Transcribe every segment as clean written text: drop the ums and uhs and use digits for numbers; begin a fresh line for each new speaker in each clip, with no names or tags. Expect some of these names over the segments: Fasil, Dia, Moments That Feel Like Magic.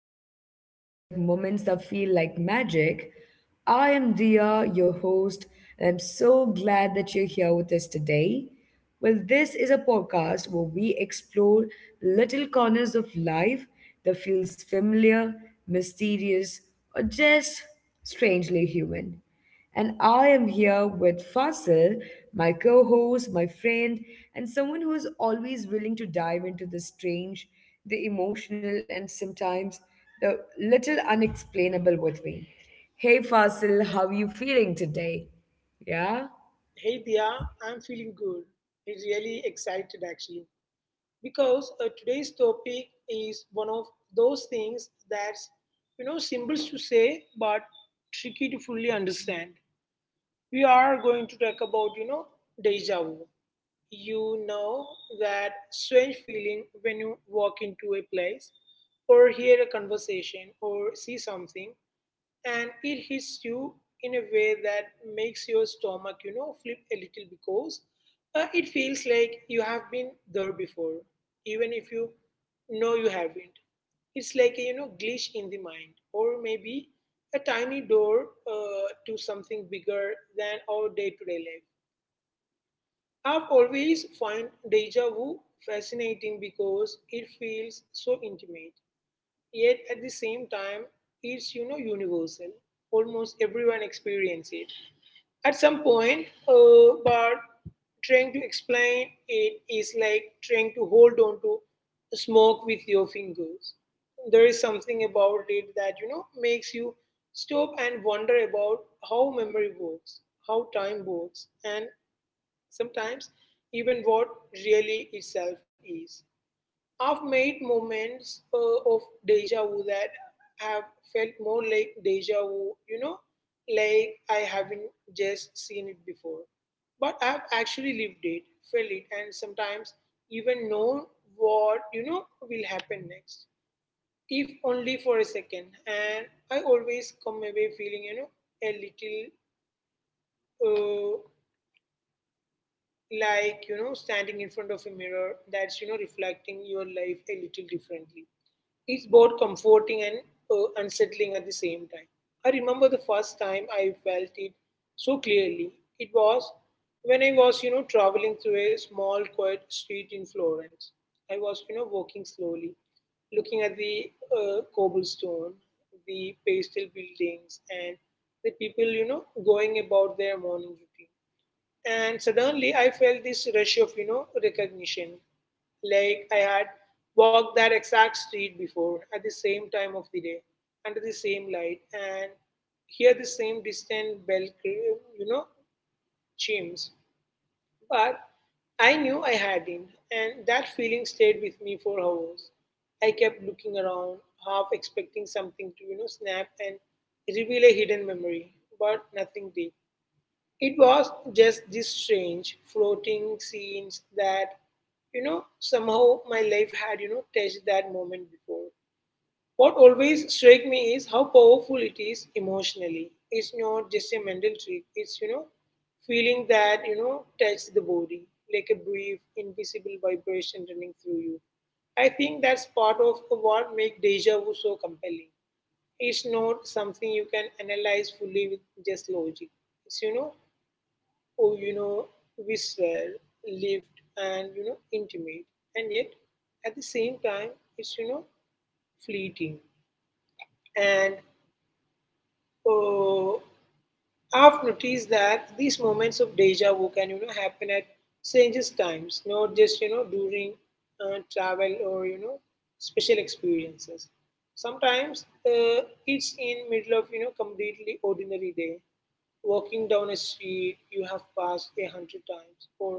another episode of Moments That Feel Like Magic. I am Dia, your host, and I'm so glad that you're here with us today. Well, this is a podcast where we explore little corners of life that feels familiar, mysterious, or just strangely human. And I am here with Fasil, my co host, my friend, and someone who is always willing to dive into the strange, the emotional, and sometimes the little unexplainable with me. Hey Fasil, how are you feeling today? Yeah?
Hey Dia, I'm feeling good. I'm really excited actually because today's topic is one of those things that's simple to say but tricky to fully understand. We are going to talk about deja vu. You know that strange feeling when you walk into a place or hear a conversation or see something and it hits you in a way that makes your stomach, flip a little because it feels like you have been there before, even if you know you haven't. It's like a glitch in the mind, or maybe a tiny door to something bigger than our day-to-day life. I've always find deja vu fascinating because it feels so intimate. Yet at the same time, it's universal. Almost everyone experiences it at some point, but trying to explain it is like trying to hold on to smoke with your fingers. There is something about it that makes you stop and wonder about how memory works, how time works, and sometimes even what really itself is. I've made moments of deja vu that have felt more like deja vu, like I haven't just seen it before. But I've actually lived it, felt it, and sometimes even known what, will happen next, if only for a second. And I always come away feeling, a little like standing in front of a mirror that's reflecting your life a little differently. It's both comforting and unsettling at the same time. I remember the first time I felt it so clearly. It was when I was traveling through a small, quiet street in Florence. I was walking slowly, looking at the cobblestone, the pastel buildings, and the people going about their morning routine. And suddenly I felt this rush of, recognition. Like I had walked that exact street before at the same time of the day, under the same light, and hear the same distant bell, you know, chimes. But I knew I hadn't, and that feeling stayed with me for hours. I kept looking around, half expecting something to, snap and reveal a hidden memory, but nothing did. It was just these strange floating scenes that, somehow my life had, touched that moment before. What always struck me is how powerful it is emotionally. It's not just a mental trick, it's, feeling that, touches the body, like a brief, invisible vibration running through you. I think that's part of what makes deja vu so compelling. It's not something you can analyze fully with just logic. It's oh, you know, visceral, lived, and intimate. And yet, at the same time, it's fleeting. And oh, I've noticed that these moments of deja vu can happen at strange times, not just during travel or special experiences. Sometimes it's in middle of completely ordinary day. Walking down a street you have passed a hundred times, or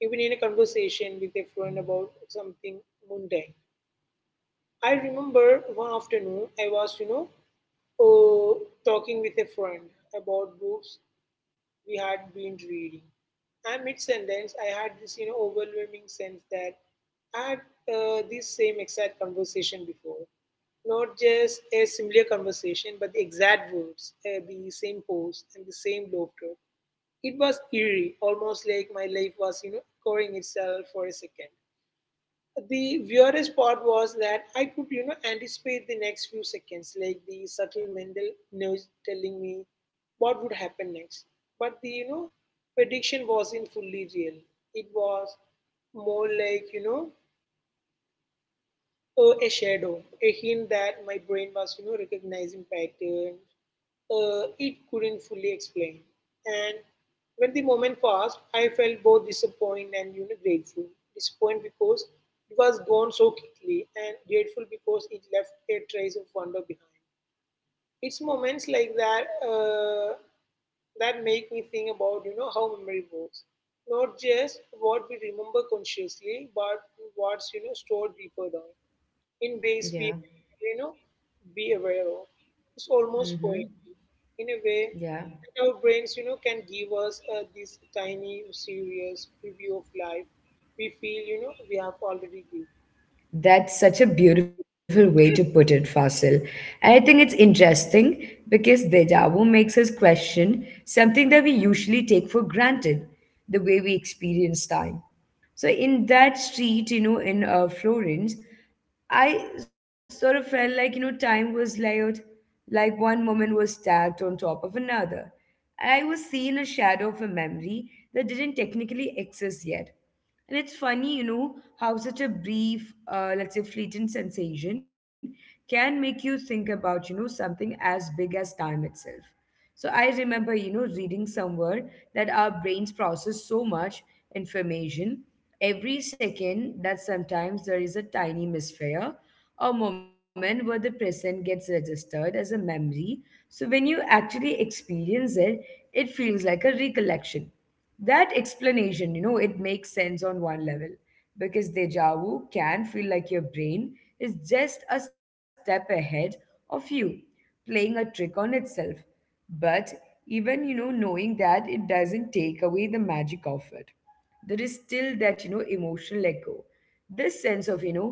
even in a conversation with a friend about something mundane. I remember one afternoon I was uh, talking with a friend about books we had been reading. And mid sentence, I had this overwhelming sense that I had this same exact conversation before. Not just a similar conversation, but the exact words, the same pose, and the same laughter. It was eerie, almost like my life was, echoing itself for a second. The weirdest part was that I could, anticipate the next few seconds, like the subtle mental nudge telling me what would happen next. But the, prediction wasn't fully real. It was more like, a shadow, a hint that my brain was, recognizing patterns it couldn't fully explain. And when the moment passed, I felt both disappointed and grateful. Disappointed because it was gone so quickly, and grateful because it left a trace of wonder behind. It's moments like that that make me think about how memory works, not just what we remember consciously, but what's stored deeper down in
Yeah.
ways we you know be aware of. It's
Mm hmm.
almost poetic in a way.
Yeah.
That our brains, can give us this tiny, mysterious preview of life. We feel, we have already lived.
That's such a beautiful way to put it, Fasil. And I think it's interesting because deja vu makes us question something that we usually take for granted, the way we experience time. So in that street, in Florence, I sort of felt like, time was layered, like one moment was stacked on top of another. And I was seeing a shadow of a memory that didn't technically exist yet. And it's funny, how such a brief, let's say, fleeting sensation can make you think about, something as big as time itself. So I remember, reading somewhere that our brains process so much information every second that sometimes there is a tiny misfire, a moment where the present gets registered as a memory. So when you actually experience it, it feels like a recollection. That explanation, it makes sense on one level because deja vu can feel like your brain is just a step ahead of you, playing a trick on itself. But even, knowing that, it doesn't take away the magic of it. There is still that emotional echo, this sense of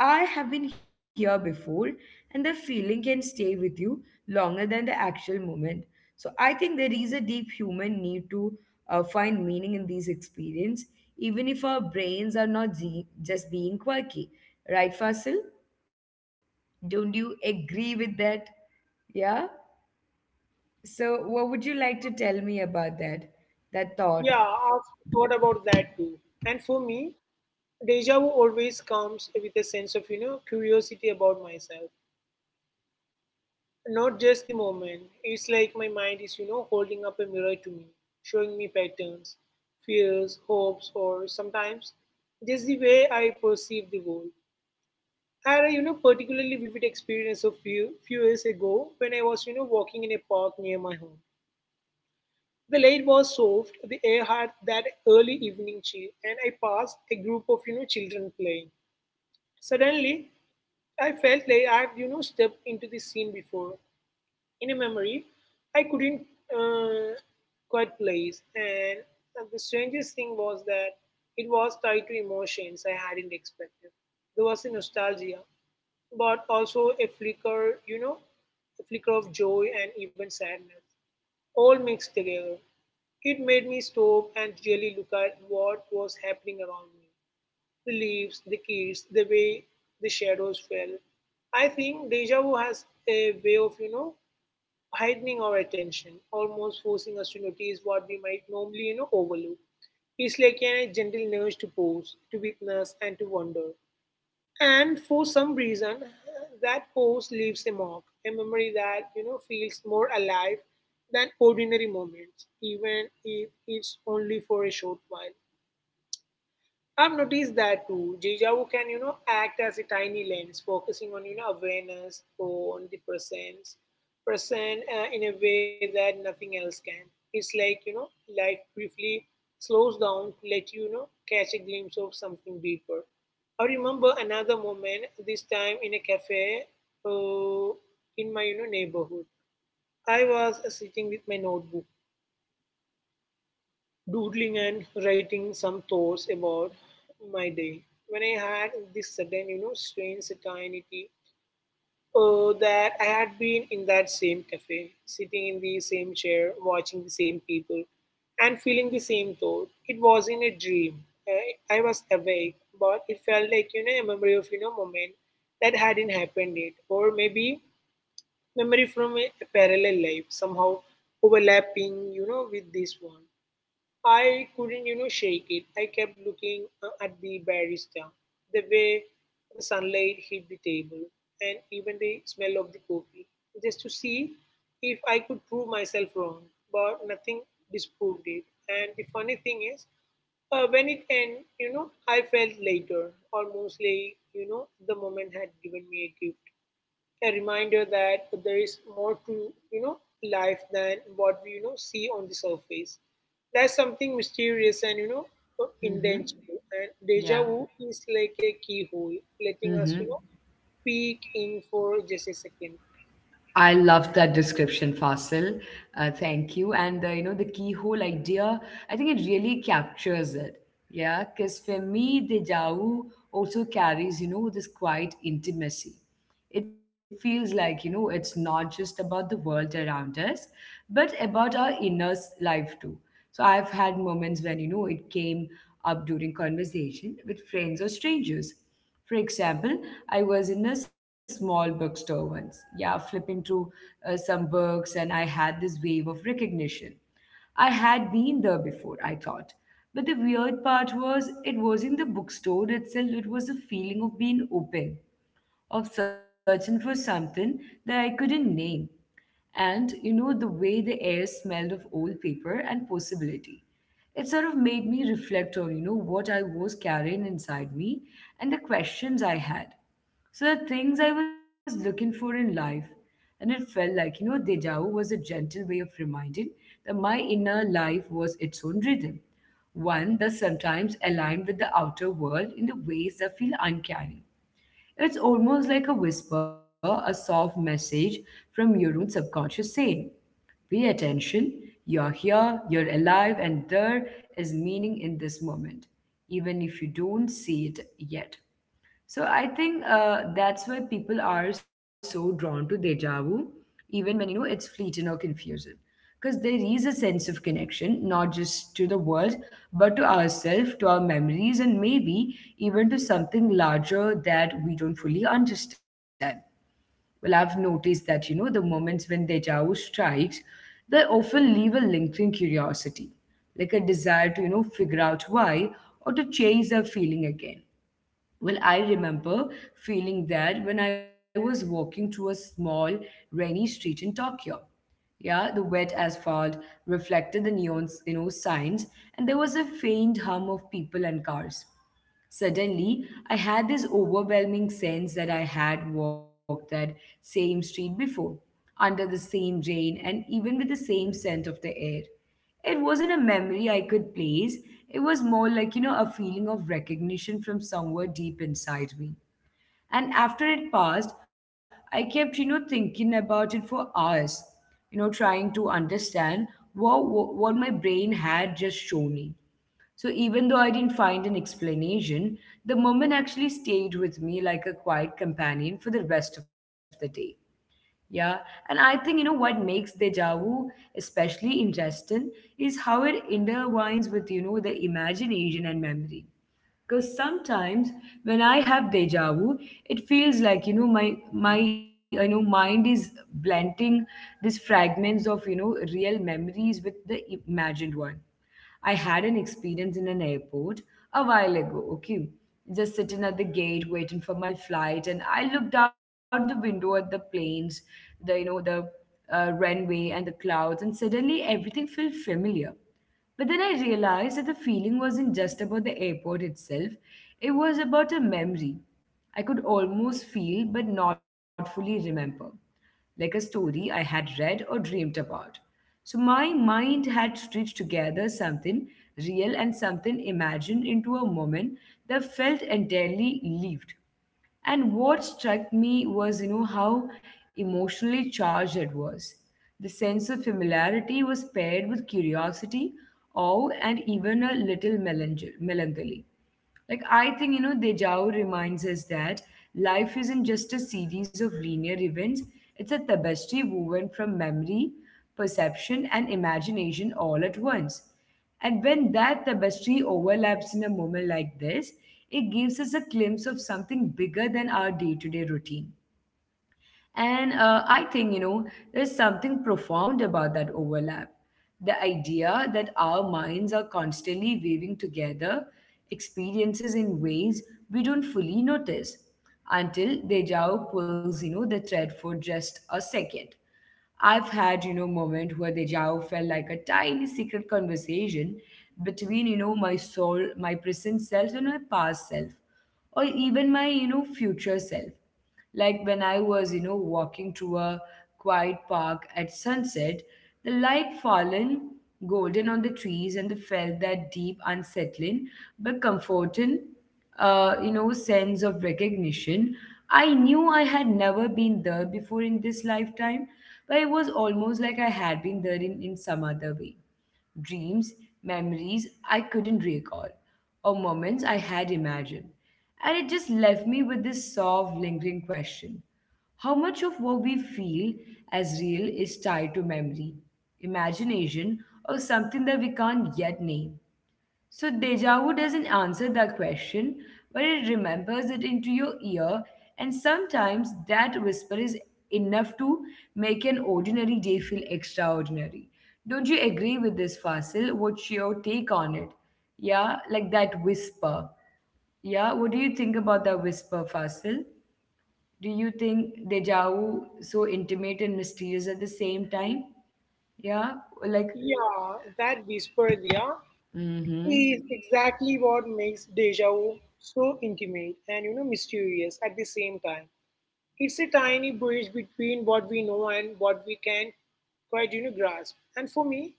I have been here before, and the feeling can stay with you longer than the actual moment. So I think there is a deep human need to find meaning in these experience, even if our brains are not just being quirky. Right, Fasil? Don't you agree with that? Yeah. So what would you like to tell me about that
Yeah,
thought?
I've thought about that too. And for me, deja vu always comes with a sense of, curiosity about myself. Not just the moment. It's like my mind is, holding up a mirror to me, showing me patterns, fears, hopes, or sometimes just the way I perceive the world. I had a, particularly vivid experience a few years ago when I was, walking in a park near my home. The light was soft, the air had that early evening chill, and I passed a group of, children playing. Suddenly, I felt like I'd, stepped into the scene before. In a memory, I couldn't uh, quite place. And the strangest thing was that it was tied to emotions I hadn't expected. There was a nostalgia, but also a flicker, a flicker of joy and even sadness, all mixed together. It made me stop and really look at what was happening around me, the leaves, the kids, the way the shadows fell. I think deja vu has a way of, heightening our attention, almost forcing us to notice what we might normally, overlook. It's like a gentle nudge to pause, to witness, and to wonder. And for some reason, that pause leaves a mark, a memory that, feels more alive than ordinary moments, even if it's only for a short while. I've noticed that too. Jijawu can, act as a tiny lens, focusing on, awareness on the presence, present in a way that nothing else can. It's like, life briefly slows down to let you, catch a glimpse of something deeper. I remember another moment, this time in a cafe uh, in my, neighborhood. I was sitting with my notebook, doodling and writing some thoughts about my day. When I had this sudden, strange certainty that I had been in that same cafe, sitting in the same chair, watching the same people, and feeling the same thought, it was in a dream. I was awake, but it felt like, a memory of, moment that hadn't happened yet, or maybe memory from a parallel life, somehow overlapping, with this one. I couldn't, shake it. I kept looking at the barista, the way the sunlight hit the table, and even the smell of the coffee, just to see if I could prove myself wrong. But nothing disproved it. And the funny thing is, when it ended, I felt later, almost like, the moment had given me a gift, a reminder that there is more to you know life than what we see on the surface. There's something mysterious and intangible. And deja
Yeah.
vu is like a keyhole, letting us
Mm-hmm.
peek in for just a second.
I love that description, Fasil. Thank you. And the, the keyhole idea, I think it really captures it. Yeah, because for me, Dejavu also carries this quiet intimacy. It feels like it's not just about the world around us, but about our inner life too. So I've had moments when it came up during conversation with friends or strangers. For example, I was in a small bookstore once, yeah, flipping through some books, and I had this wave of recognition. I had been there before, I thought. But the weird part was, it wasn't the bookstore itself, it was the feeling of being open, of searching for something that I couldn't name, and the way the air smelled of old paper and possibility. It sort of made me reflect on what I was carrying inside me, and the questions I had, so the things I was looking for in life. And it felt like deja vu was a gentle way of reminding that my inner life was its own rhythm, one that sometimes aligned with the outer world in the ways that feel uncanny. It's almost like a whisper, a soft message from your own subconscious saying, pay attention, you're here, you're alive, and there is meaning in this moment, even if you don't see it yet. So I think that's why people are so drawn to deja vu, even when it's fleeting or confusing, because there is a sense of connection, not just to the world, but to ourselves, to our memories, and maybe even to something larger that we don't fully understand. Well, I've noticed that the moments when deja vu strikes, they often leave a lingering curiosity, like a desire to figure out why or to chase that feeling again. Well, I remember feeling that when I was walking through a small, rainy street in Tokyo. Yeah, the wet asphalt reflected the neon, signs, and there was a faint hum of people and cars. Suddenly, I had this overwhelming sense that I had walked that same street before, under the same rain, and even with the same scent of the air. It wasn't a memory I could place, it was more like, a feeling of recognition from somewhere deep inside me. And after it passed, I kept, thinking about it for hours, trying to understand what my brain had just shown me. So even though I didn't find an explanation, the moment actually stayed with me like a quiet companion for the rest of the day. Yeah, and I think what makes deja vu especially interesting is how it intertwines with the imagination and memory. Because sometimes when I have deja vu, it feels like you know my my you know mind is blending these fragments of real memories with the imagined one. I had an experience in an airport a while ago, okay? Just sitting at the gate waiting for my flight, and I looked out the window at the planes, the runway and the clouds, and suddenly everything felt familiar. But then I realized that the feeling wasn't just about the airport itself, it was about a memory I could almost feel but not fully remember, like a story I had read or dreamed about. So my mind had stitched together something real and something imagined into a moment that felt entirely lived. And what struck me was, how emotionally charged it was. The sense of familiarity was paired with curiosity, awe, and even a little melancholy. Like, I think, Dejao reminds us that life isn't just a series of linear events, it's a tapestry woven from memory, perception, and imagination all at once. And when that tapestry overlaps in a moment like this, it gives us a glimpse of something bigger than our day to day routine. And I think, there's something profound about that overlap. The idea that our minds are constantly weaving together experiences in ways we don't fully notice until deja vu pulls, the thread for just a second. I've had, moment where the vu felt like a tiny secret conversation between, my soul, my present self and my past self, or even my, future self. Like when I was, walking through a quiet park at sunset, the light fallen golden on the trees and the felt that deep unsettling but comforting sense of recognition. I knew I had never been there before in this lifetime, but it was almost like I had been there in some other way. Dreams, memories I couldn't recall, or moments I had imagined. And it just left me with this soft, lingering question. How much of what we feel as real is tied to memory, imagination, or something that we can't yet name? So deja vu doesn't answer that question, but it remembers it into your ear, and sometimes that whisper is enough to make an ordinary day feel extraordinary. Don't you agree with this, Fasil? What's your take on it? Yeah, like that whisper. Yeah, what do you think about that whisper, Fasil? Do you think deja vu so intimate and mysterious at the same time? Yeah, like
Yeah, that whisper idea
mm-hmm,
is exactly what makes deja vu so intimate and mysterious at the same time. It's a tiny bridge between what we know and what we can quite grasp. And for me,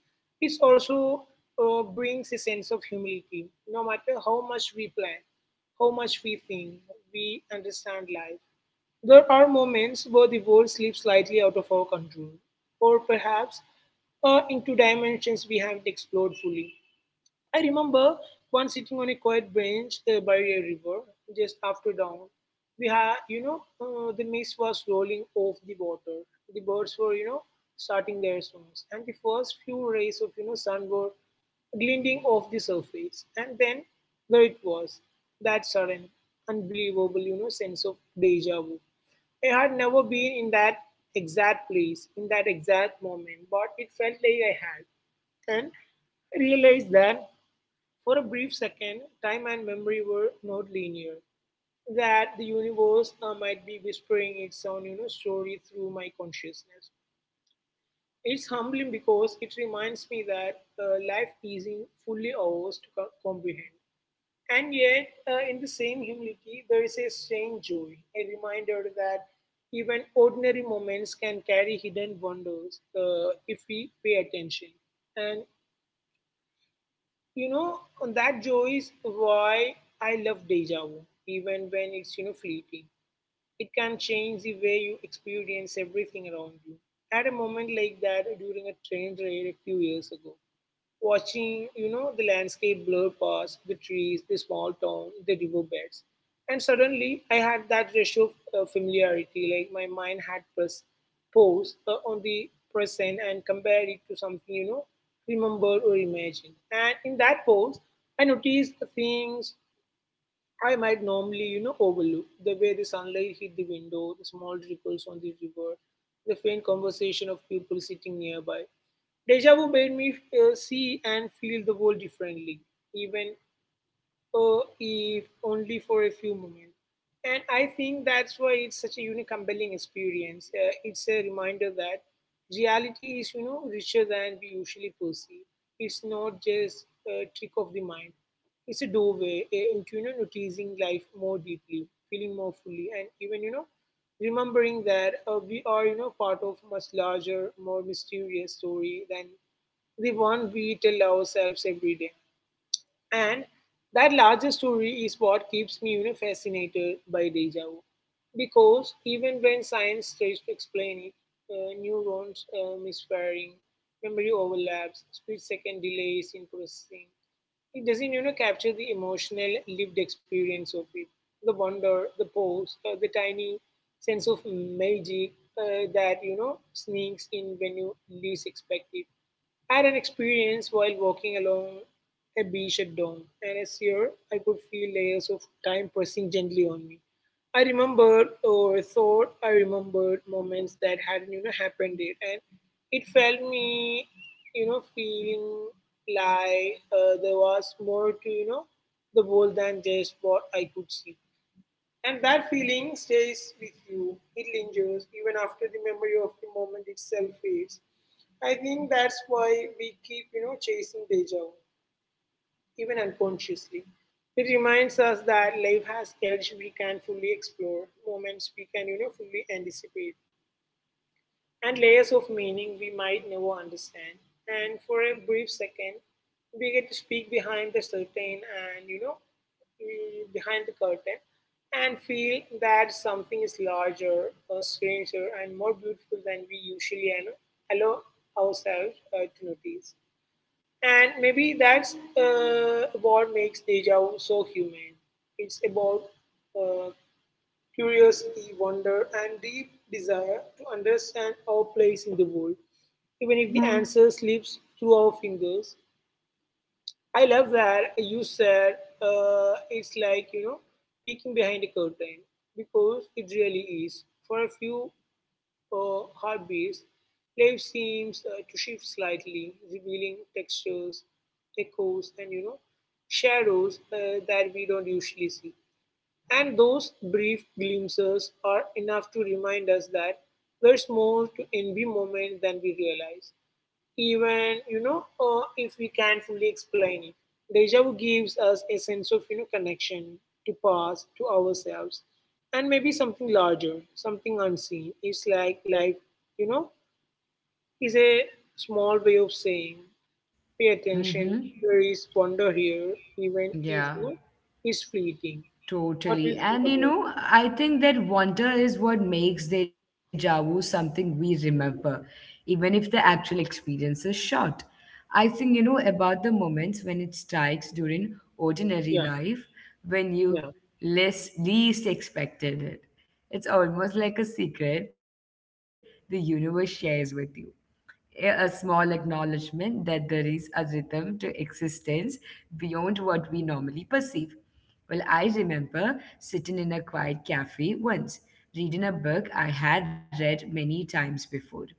it also brings a sense of humility. No matter how much we plan, how much we think, we understand life. There are moments where the world slips slightly out of our control, or perhaps into dimensions we haven't explored fully. I remember once sitting on a quiet bench by a river just after dawn. We had, you know, the mist was rolling off the water. The birds were, starting their songs, and the first few rays of, sun were glinting off the surface. And then there it was, that sudden, unbelievable, sense of deja vu. I had never been in that exact place, in that exact moment, but it felt like I had. And I realized that for a brief second, time and memory were not linear, that the universe might be whispering its own story through my consciousness. It's humbling because it reminds me that life isn't fully ours to comprehend. And yet, in the same humility, there is a strange joy, a reminder that even ordinary moments can carry hidden wonders if we pay attention. And You know, that joy is why I love deja vu, even when it's, fleeting. It can change the way you experience everything around you. I had a moment like that during a train ride a few years ago watching, the landscape blur past, the trees, the small town, the riverbeds. And suddenly I had that ratio of familiarity, like my mind had pressed pause on the present and compared it to something, remembered or imagined. And in that pause, I noticed the things I might normally, overlook the way the sunlight hit the window, the small ripples on the river, the faint conversation of people sitting nearby. Deja vu made me see and feel the world differently, even if only for a few moments. And I think that's why it's such a unique, compelling experience. It's a reminder that reality is, richer than we usually perceive. It's not just a trick of the mind. It's a doorway into, noticing life more deeply, feeling more fully, and even, remembering that we are, part of much larger, more mysterious story than the one we tell ourselves every day. And that larger story is what keeps me, fascinated by deja vu. Because even when science tries to explain it, neurons misfiring, memory overlaps, split-second delays in processing, it doesn't, capture the emotional lived experience of it, the wonder, the pause, the tiny sense of magic that sneaks in when you least expect it. I had an experience while walking along a beach at dawn, and as here I could feel layers of time pressing gently on me. I remembered or thought I remembered moments that hadn't happened yet, and it felt me feeling like there was more to the world than just what I could see. And that feeling stays with you. It lingers even after the memory of the moment itself fades. I think that's why we keep, chasing deja vu, even unconsciously. It reminds us that life has edge we can fully explore, moments we can, fully anticipate and layers of meaning we might never understand. And for a brief second, we get to speak behind the curtain and, behind the curtain and feel that something is larger, or stranger, and more beautiful than we usually allow ourselves to notice. And maybe that's what makes deja vu so human. It's about uh, curiosity, wonder, and deep desire to understand our place in the world, even if the answer slips through our fingers. I love that you said it's like, peeking behind a curtain, because it really is. For a few heartbeats, life seems to shift slightly, revealing textures, echoes, and, shadows that we don't usually see. And those brief glimpses are enough to remind us that there's more to every moment than we realize. Even, if we can't fully explain it, deja vu gives us a sense of, connection to past, to ourselves, and maybe something larger, something unseen. It's like life, you know, is a small way of saying, pay attention,
mm-hmm,
there is wonder here, even if,
yeah.
it's fleeting. What do you
Totally.
think
And you
about
know,
it?
I think that wonder is what makes deja vu something we remember, even if the actual experience is short. I think, about the moments when it strikes during ordinary
Yeah.
life when you
Yeah,
least expected it. It's almost like a secret the universe shares with you, a small acknowledgement that there is a rhythm to existence beyond what we normally perceive. Well, I remember sitting in a quiet cafe once, reading a book I had read many times before.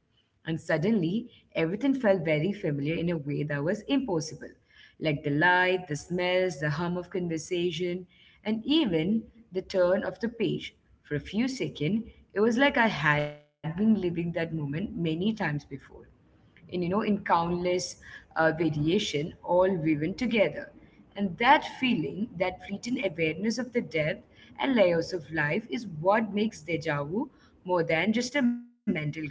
And suddenly, everything felt very familiar in a way that was impossible, like the light, the smells, the hum of conversation, and even the turn of the page. For a few seconds, it was like I had been living that moment many times before, in you know in countless variation all woven together. And that feeling, that fleeting awareness of the depth and layers of life is what makes deja vu more than just a mental glitch.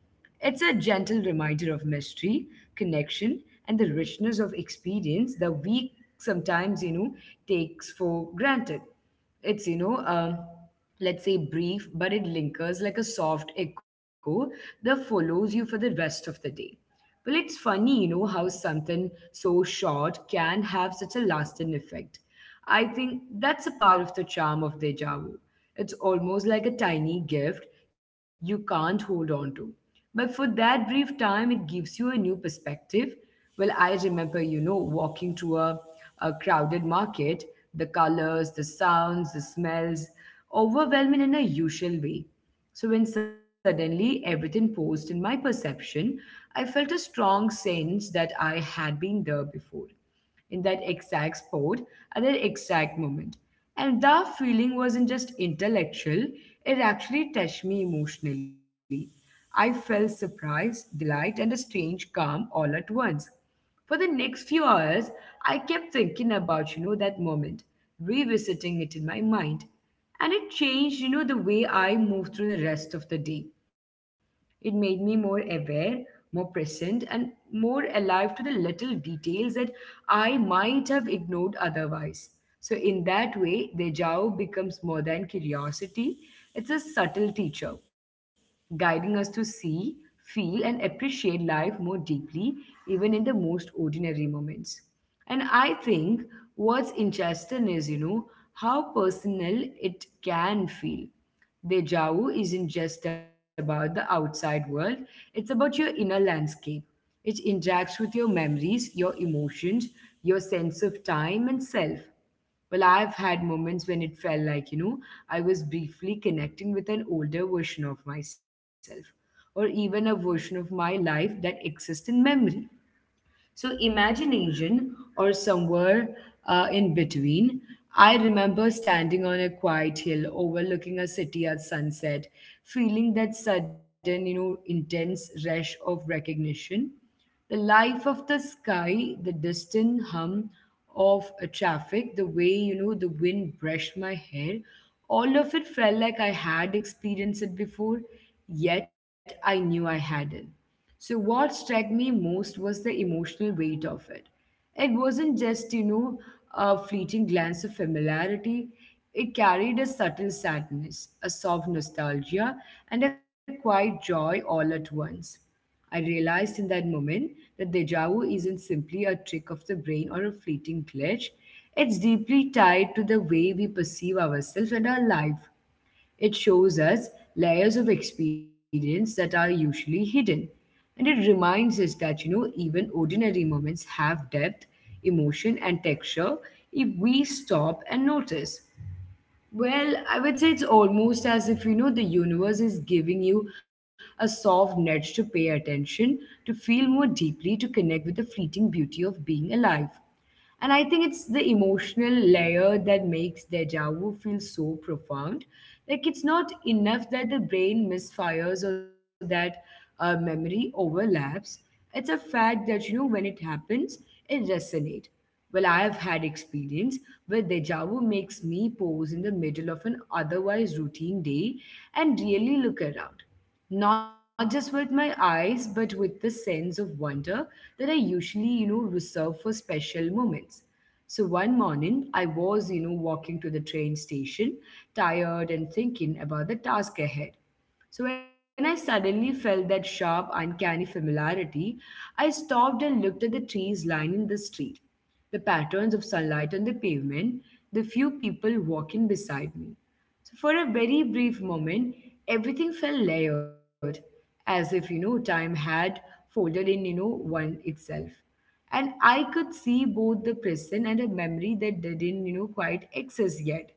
It's a gentle reminder of mystery, connection, and the richness of experience that we sometimes, takes for granted. It's, let's say brief, but it lingers like a soft echo that follows you for the rest of the day. Well, it's funny, you know, how something so short can have such a lasting effect. I think that's a part of the charm of deja vu. It's almost like a tiny gift you can't hold on to. But for that brief time, it gives you a new perspective. Well, I remember, walking through a crowded market, the colors, the sounds, the smells, overwhelming in a usual way. So when suddenly everything paused in my perception, I felt a strong sense that I had been there before, in that exact spot at that exact moment. And that feeling wasn't just intellectual, it actually touched me emotionally. I felt surprise, delight, and a strange calm all at once. For the next few hours, I kept thinking about, you know, that moment, revisiting it in my mind. And it changed, you know, the way I moved through the rest of the day. It made me more aware, more present, and more alive to the little details that I might have ignored otherwise. So, in that way, Dejao becomes more than curiosity, it's a subtle teacher, guiding us to see, feel, and appreciate life more deeply, even in the most ordinary moments. And I think what's interesting is, you know, how personal it can feel. Deja vu isn't just about the outside world, it's about your inner landscape. It interacts with your memories, your emotions, your sense of time and self. Well, I've had moments when it felt like, you know, I was briefly connecting with an older version of myself, or even a version of my life that exists in memory. So, imagination or somewhere in between. I remember standing on a quiet hill overlooking a city at sunset, feeling that sudden, you know, intense rush of recognition. The life of the sky, the distant hum of a traffic, the way, you know, the wind brushed my hair, all of it felt like I had experienced it before, yet I knew I hadn't. So, what struck me most was the emotional weight of it. It wasn't just, you know, a fleeting glance of familiarity, it carried a subtle sadness, a soft nostalgia, and a quiet joy all at once. I realized in that moment that deja vu isn't simply a trick of the brain or a fleeting glitch. It's deeply tied to the way we perceive ourselves and our life. It shows us layers of experience that are usually hidden. And it reminds us that, you know, even ordinary moments have depth, emotion, and texture if we stop and notice. Well, I would say it's almost as if, you know, the universe is giving you a soft nudge to pay attention, to feel more deeply, to connect with the fleeting beauty of being alive. And I think it's the emotional layer that makes deja vu feel so profound. Like it's not enough that the brain misfires or that memory overlaps. It's a fact that, you know, when it happens, it resonates. Well, I have had experience where deja vu makes me pause in the middle of an otherwise routine day and really look around, not just with my eyes, but with the sense of wonder that I usually, you know, reserve for special moments. So one morning, I was, you know, walking to the train station, tired and thinking about the task ahead. So when I suddenly felt that sharp, uncanny familiarity, I stopped and looked at the trees lining the street, the patterns of sunlight on the pavement, the few people walking beside me. So for a very brief moment, everything felt layered, as if, you know, time had folded in, you know, one itself. And I could see both the present and a memory that didn't, you know, quite exist yet.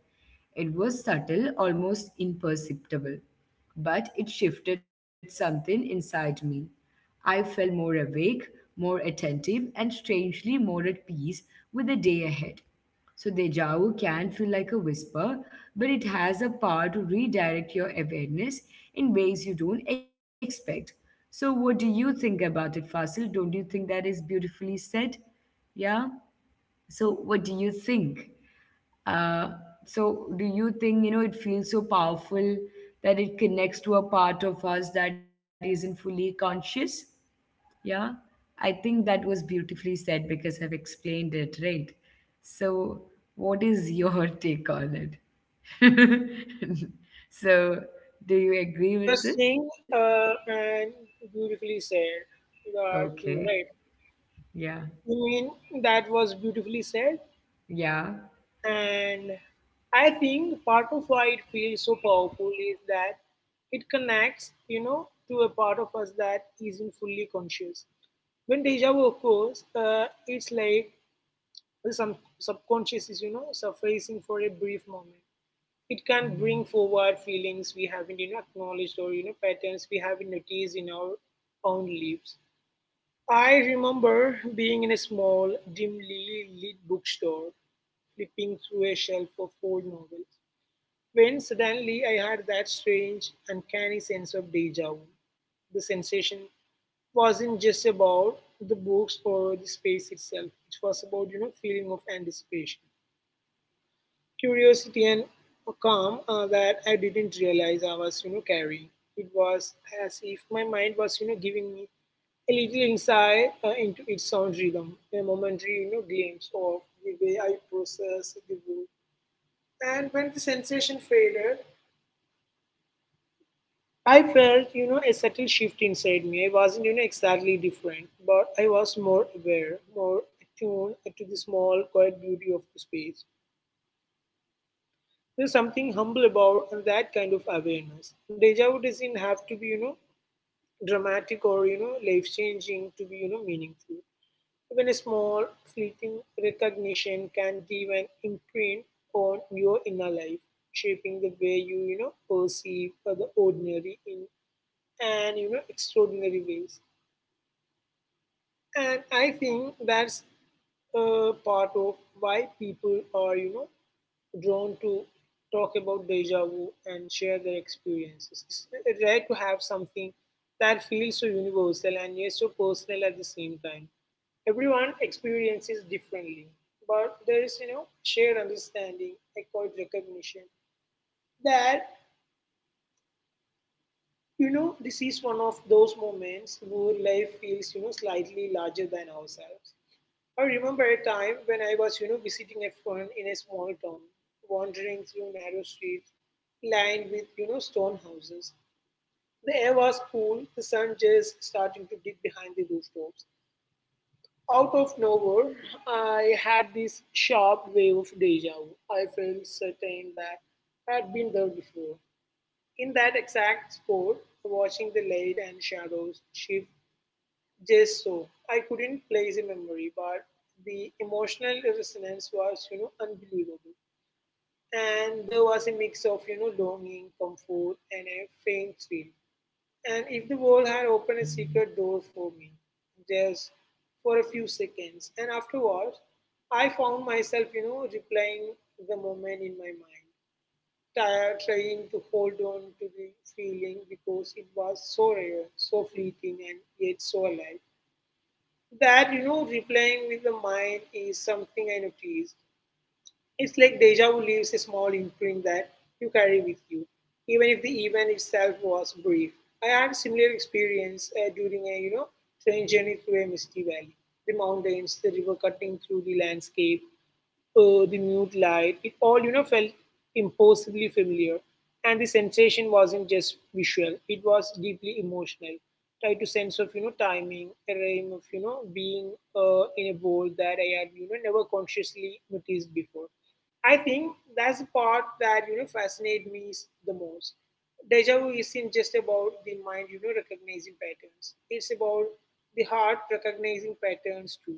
It was subtle, almost imperceptible, but it shifted something inside me. I felt more awake, more attentive, and strangely more at peace with the day ahead. So, deja vu can feel like a whisper, but it has a power to redirect your awareness in ways you don't expect. So, what do you think about it, Fasil? Don't you think that is beautifully said? Yeah. So, what do you think? Uh, so, do you think, you know, it feels so powerful that it connects to a part of us that isn't fully conscious? Yeah, I think that was beautifully said because I've explained it, right? So, what is your take on it? So, do you agree with it?
interesting and beautifully said. Uh,
Okay.
too right.
Yeah.
I mean, that was beautifully said,
Yeah.
and I think part of why it feels so powerful is that it connects, to a part of us that isn't fully conscious. When deja vu occurs, it's like the subconscious is, surfacing for a brief moment. It can bring forward feelings we haven't acknowledged or patterns we haven't noticed in our own lives. I remember being in a small, dimly lit bookstore, flipping through a shelf of old novels, when suddenly I had that strange, uncanny sense of deja vu. The sensation wasn't just about the books or the space itself; it was about feeling of anticipation curiosity and a calm that I didn't realize I was, carrying. It was as if my mind was, giving me a little insight into its sound rhythm, a momentary, glimpse of the way I process the wood. And when the sensation faded, I felt, a subtle shift inside me. I wasn't, exactly different, but I was more aware, more attuned to the small, quiet beauty of the space. There's something humble about that kind of awareness. Deja vu doesn't have to be, dramatic or, life changing to be, meaningful. Even a small, fleeting recognition can leave an imprint on your inner life, shaping the way you, perceive the ordinary in and, extraordinary ways. And I think that's a part of why people are, drawn to talk about deja vu and share their experiences. It's rare to have something that feels so universal and yet so personal at the same time. Everyone experiences differently, but there is, shared understanding, a quiet recognition that, this is one of those moments where life feels, slightly larger than ourselves. I remember a time when I was, visiting a friend in a small town, wandering through narrow streets lined with, stone houses. The air was cool, the sun just starting to dip behind the rooftops. Out of nowhere, I had this sharp wave of deja vu. I felt certain that I had been there before. In that exact spot, watching the light and shadows shift just so. I couldn't place a memory, but the emotional resonance was, unbelievable. And there was a mix of, longing, comfort, and a faint thrill. And if the world had opened a secret door for me, just for a few seconds, and afterwards, I found myself, replaying the moment in my mind, tired, trying to hold on to the feeling because it was so rare, so fleeting, and yet so alive. That, replaying with the mind is something I noticed. It's like deja vu leaves a small imprint that you carry with you, even if the event itself was brief. I had a similar experience during a, train journey through a misty valley. The mountains, the river cutting through the landscape, the mute light, it all, felt impossibly familiar. And the sensation wasn't just visual, it was deeply emotional. Tried to sense of, timing, a rhyme of, being in a world that I had, never consciously noticed before. I think that's the part that, fascinates me the most. Deja vu isn't just about the mind, recognizing patterns. It's about the heart recognizing patterns too.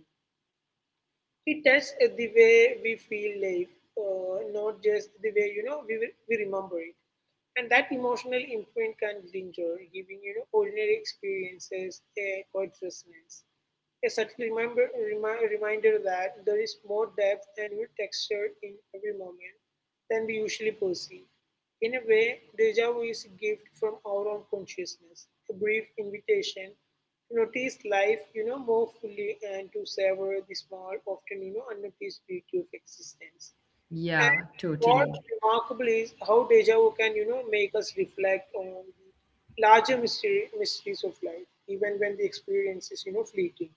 It tests the way we feel life, not just the way we remember it. And that emotional imprint can linger, giving ordinary experiences a quiet resonance. A subtle reminder that there is more depth and new texture in every moment than we usually perceive. In a way, deja vu is a gift from our own consciousness, a brief invitation to notice life, more fully and to savor the small, often, unnoticed beauty of existence. And
Yeah,
what
totally.
remarkable is how deja vu can, make us reflect on the larger mysteries of life, even when the experience is, fleeting.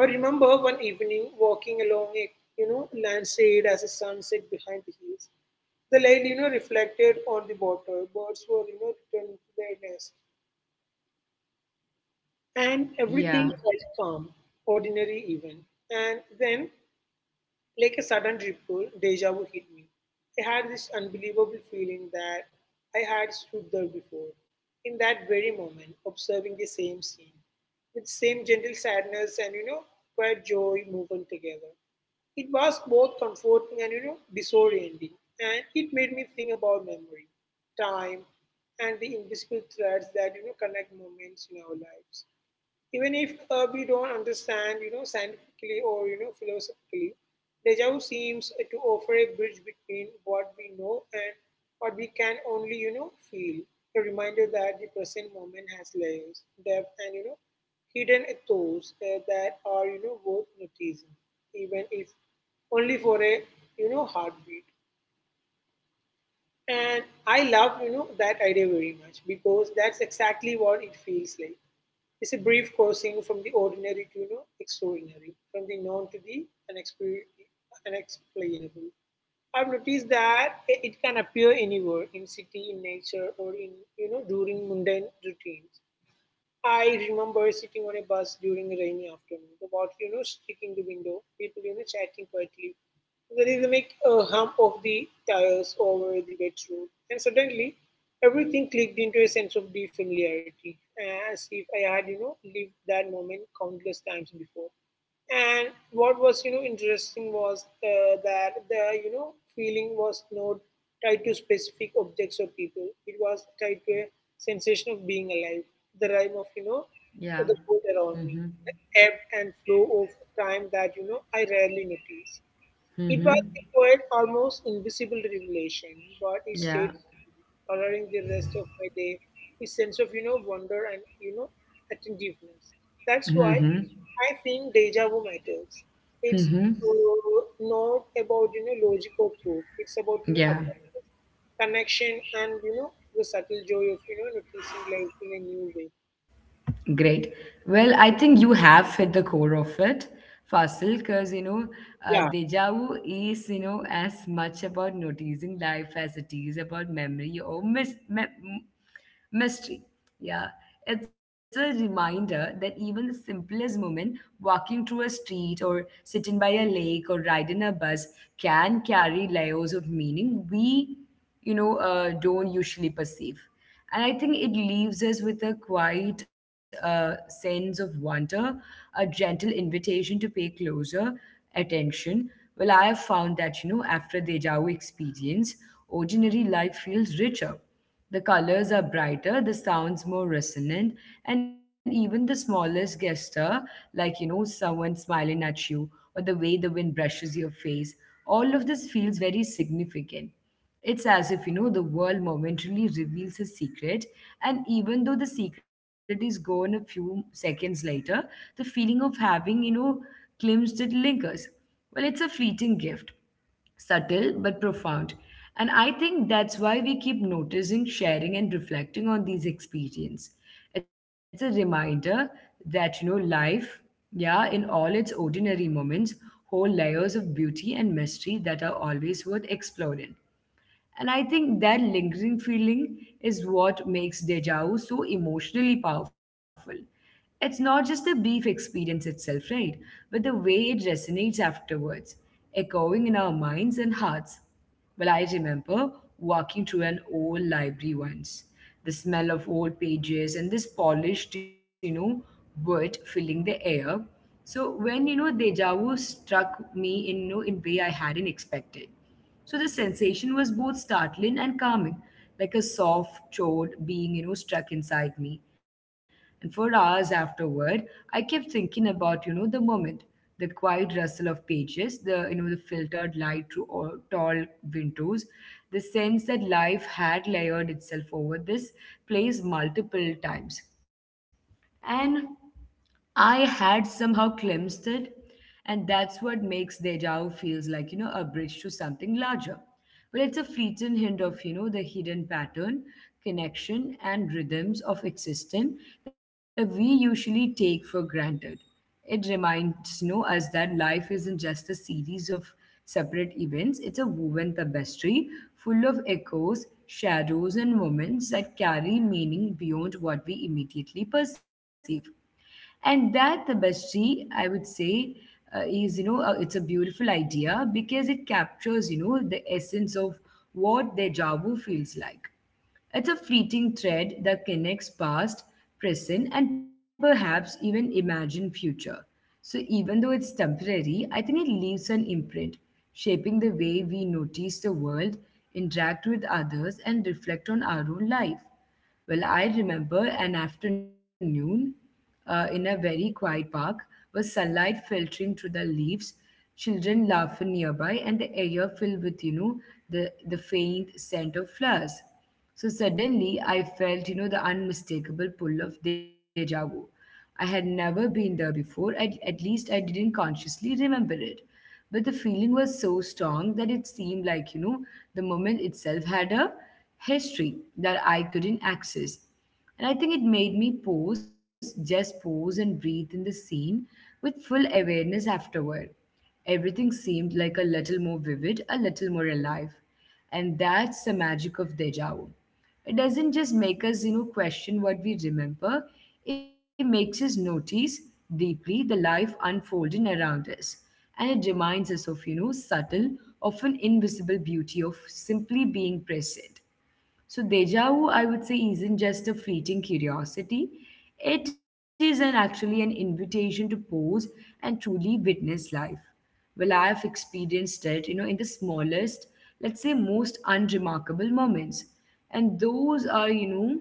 I remember one evening walking along a, landside as the sun set behind the hills. The light, reflected on the water. Birds were, returning to their nest. And everything
Yeah.
felt calm, ordinary even. And then like a sudden ripple, deja vu hit me. I had this unbelievable feeling that I had stood there before, in that very moment, observing the same scene, with same gentle sadness and quiet joy woven together. It was both comforting and disorienting, and it made me think about memory, time, and the invisible threads that connect moments in our lives even if we don't understand, scientifically or philosophically, deja vu seems to offer a bridge between what we know and what we can only, feel. A reminder that the present moment has layers, depth, and hidden thoughts that are, worth noticing, even if only for a, heartbeat. And I love, that idea very much because that's exactly what it feels like. It's a brief crossing from the ordinary to extraordinary, from the known to the unexplainable. I've noticed that it can appear anywhere in city, in nature, or during mundane routines. I remember sitting on a bus during a rainy afternoon, the water, sticking the window, people, chatting quietly. The rhythmic hum of the tires over the bedroom. And suddenly, everything clicked into a sense of deep familiarity, as if I had lived that moment countless times before. And what was interesting was that the feeling was not tied to specific objects or people. It was tied to a sensation of being alive, the rhyme of
Yeah.
the world
Mm-hmm.
around me, the ebb and flow of time that I rarely notice. It was
Mm-hmm.
a quiet, almost invisible revelation, but it stayed
Yeah.
with me, coloring the rest of my day with sense of wonder and attentiveness. That's
Mm-hmm.
why I think deja vu matters. It's
Mm-hmm.
not about logic or proof. It's about
Yeah.
awareness, connection, and the subtle joy of noticing life in a new way.
Great. Well, I think you have hit the core of it, Fasil, because, you know,
Yeah,
deja vu is, you know, as much about noticing life as it is about memory or mystery. Yeah, it's a reminder that even the simplest moment, walking through a street or sitting by a lake or riding a bus, can carry layers of meaning we, don't usually perceive. And I think it leaves us with a quiet sense of wonder, a gentle invitation to pay closer attention. Well, I have found that, you know, after the Deja vu experience, ordinary life feels richer, the colors are brighter, the sounds more resonant, and even the smallest gesture, like, you know, someone smiling at you or the way the wind brushes your face, all of this feels very significant. It's as if, you know, the world momentarily reveals a secret, and even though the secret is gone a few seconds later, the feeling of having, you know, glimpsed it lingers. Well, it's a fleeting gift, subtle but profound. And I think that's why we keep noticing, sharing, and reflecting on these experiences. It's a reminder that, you know, life, yeah, in all its ordinary moments, hold layers of beauty and mystery that are always worth exploring. And I think that lingering feeling is what makes deja vu so emotionally powerful. It's not just the brief experience itself, right? But the way it resonates afterwards, echoing in our minds and hearts. Well, I remember walking through an old library once, the smell of old pages and this polished, you know, wood filling the air. So when, you know, deja vu struck me in, you know, in way I hadn't expected. So the sensation was both startling and calming, like a soft chord being, you know, struck inside me. And for hours afterward, I kept thinking about, you know, the moment, the quiet rustle of pages, you know, the filtered light through all tall windows, the sense that life had layered itself over this place multiple times. And I had somehow glimpsed it, and that's what makes deja vu feels like, you know, a bridge to something larger. But it's a fleeting hint of, you know, the hidden pattern, connection, and rhythms of existence that we usually take for granted. It reminds, you know, us that life isn't just a series of separate events, it's a woven tapestry full of echoes, shadows, and moments that carry meaning beyond what we immediately perceive. And that tapestry, I would say, is, you know, it's a beautiful idea because it captures, you know, the essence of what deja vu feels like. It's a fleeting thread that connects past, present, and perhaps even imagined future. So even though it's temporary, I think it leaves an imprint, shaping the way we notice the world, interact with others, and reflect on our own life. Well, I remember an afternoon in a very quiet park, with sunlight filtering through the leaves, children laughing nearby, and the air filled with, you know, the faint scent of flowers. So suddenly I felt, you know, the unmistakable pull of deja vu. I had never been there before, at least I didn't consciously remember it. But the feeling was so strong that it seemed like, you know, the moment itself had a history that I couldn't access. And I think it made me pause, just pause and breathe in the scene with full awareness. Afterward, everything seemed like a little more vivid, a little more alive. And that's the magic of deja vu. It doesn't just make us, you know, question what we remember, it makes us notice deeply the life unfolding around us. And it reminds us of, you know, subtle, often invisible beauty of simply being present. So deja vu, I would say, isn't just a fleeting curiosity. It is actually an invitation to pause and truly witness life. Well, I have experienced it, you know, in the smallest, let's say most unremarkable moments. And those are, you know,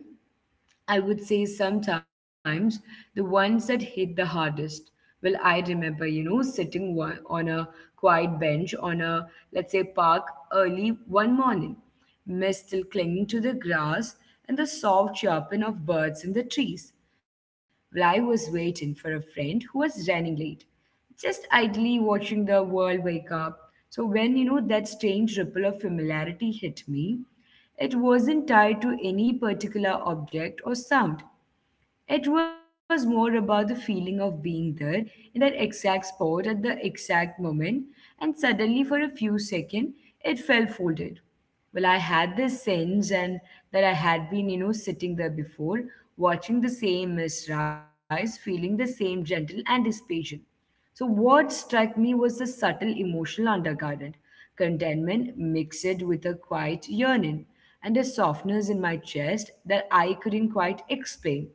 I would say sometimes the ones that hit the hardest. Well, I remember, you know, sitting one, on a quiet bench on a, let's say, park early one morning, mist still clinging to the grass and the soft chirping of birds in the trees. Well, I was waiting for a friend who was running late, just idly watching the world wake up. So when, that strange ripple of familiarity hit me, it wasn't tied to any particular object or sound. It was more about the feeling of being there in that exact spot at the exact moment, and suddenly, for a few seconds, it felt folded. Well, I had this sense, and that I had been, sitting there before, watching the same mist rise, feeling the same gentle anticipation. So, what struck me was the subtle emotional undercurrent contentment mixed with a quiet yearning and a softness in my chest that I couldn't quite explain.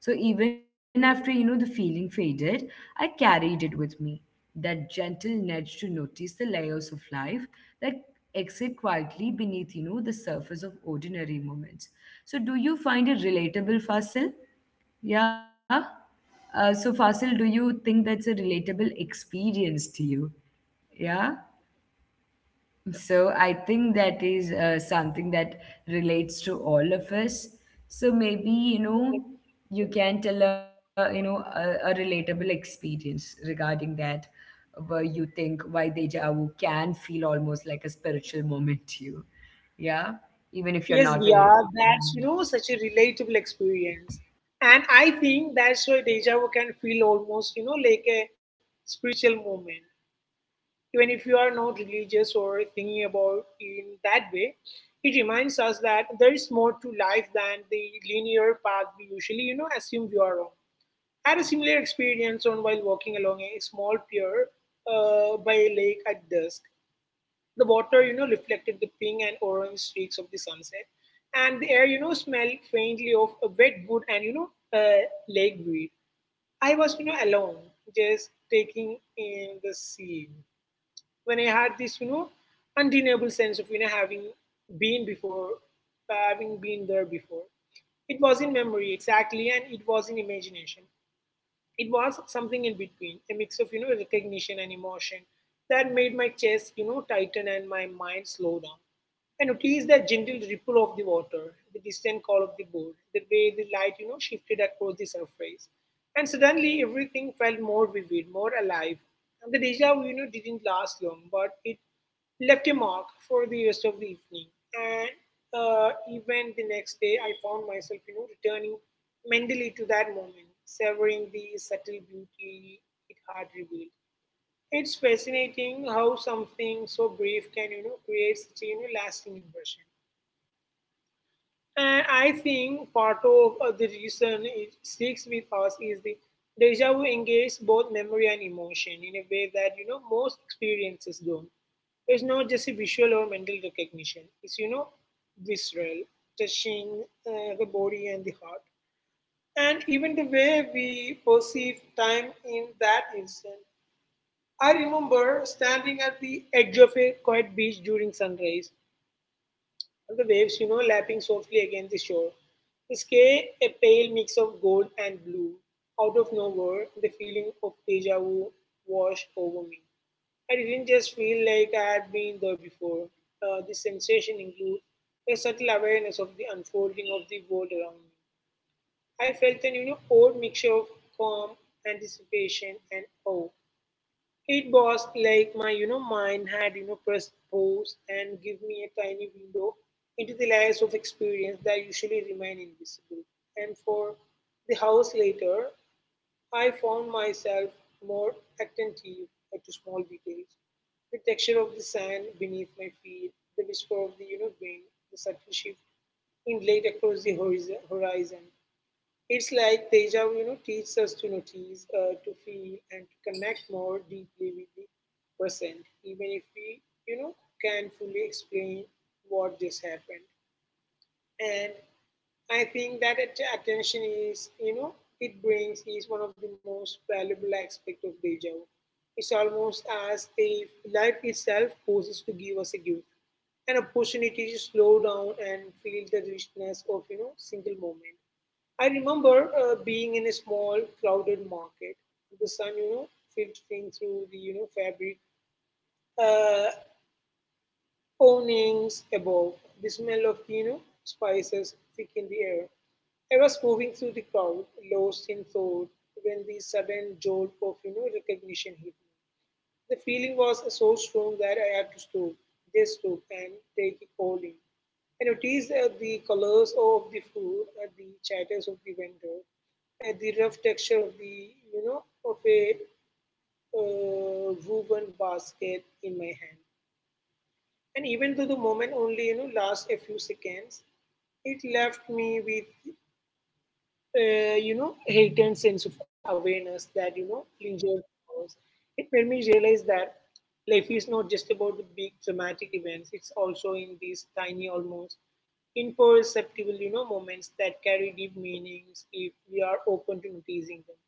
So even after the feeling faded, I carried it with me. That gentle nudge to notice the layers of life that exit quietly beneath the surface of ordinary moments. So do you find it relatable, Fasil? Yeah. So, Fasil, do you think that's a relatable experience to you? Yeah. So, I think that is something that relates to all of us. So, maybe, you can tell a, a relatable experience regarding that, where you think why deja vu can feel almost like a spiritual moment to you. Yeah. Even if you're
yes,
not very.
yeah, that's
Mhm.
such a relatable experience, and I think that's why deja vu can feel almost like a spiritual moment, even if you are not religious or thinking about in that way. It reminds us that there is more to life than the linear path we usually assume we are on. I had a similar experience on while walking along a small pier by a lake at dusk. The water, reflected the pink and orange streaks of the sunset, and the air, smelled faintly of a wet wood and lake weed. I was alone, just taking in the scene. When I had this undeniable sense of been before, having been there before. It was in memory exactly, and it was in imagination. It was something in between, a mix of recognition and emotion that made my chest tighten and my mind slow down. I noticed the gentle ripple of the water, the distant call of the boat, the way the light shifted across the surface, and suddenly everything felt more vivid, more alive. And the deja vu didn't last long, but it left a mark for the rest of the evening. And even the next day, I found myself, returning mentally to that moment, savoring the subtle beauty it had revealed. It's fascinating how something so brief can create such a lasting impression. And I think part of the reason it sticks with us is the deja vu engages both memory and emotion in a way that most experiences don't. It's not just a visual or mental recognition. It's visceral, touching the body and the heart, and even the way we perceive time in that instant. I remember standing at the edge of a quiet beach during sunrise and the waves, lapping softly against the shore. The sky, a pale mix of gold and blue. Out of nowhere, the feeling of deja vu washed over me. I didn't just feel like I had been there before. This sensation includes a subtle awareness of the unfolding of the world around me. I felt an odd mixture of calm, anticipation, and awe. It was like my mind had pressed pause and give me a tiny window into the layers of experience that usually remain invisible. And for the house later, I found myself more attentive to small details. The texture of the sand beneath my feet, the whisper of the wind, the subtle shift in light across the horizon. It's like deja vu, teaches us to notice, to feel, and to connect more deeply with the present, even if we, you know, can't fully explain what just happened. And I think that attention is it brings is one of the most valuable aspect of deja vu. It's almost as if life itself poses to give us a gift, an opportunity to slow down and feel the richness of single moment. I remember being in a small, crowded market. The sun, filtering through the fabric uh, awnings above, the smell of spices thick in the air. I was moving through the crowd, lost in thought, when the sudden jolt of recognition hit me. The feeling was so strong that I had to stop, just stop and take it all in. I noticed the colors of the food, the chatters of the vendor, the rough texture of the you know of a woven basket in my hand. And even though the moment only lasts a few seconds, it left me with heightened sense of awareness that lingered was. It made me realize that life is not just about the big dramatic events, it's also in these tiny, almost imperceptible, moments that carry deep meanings if we are open to noticing them.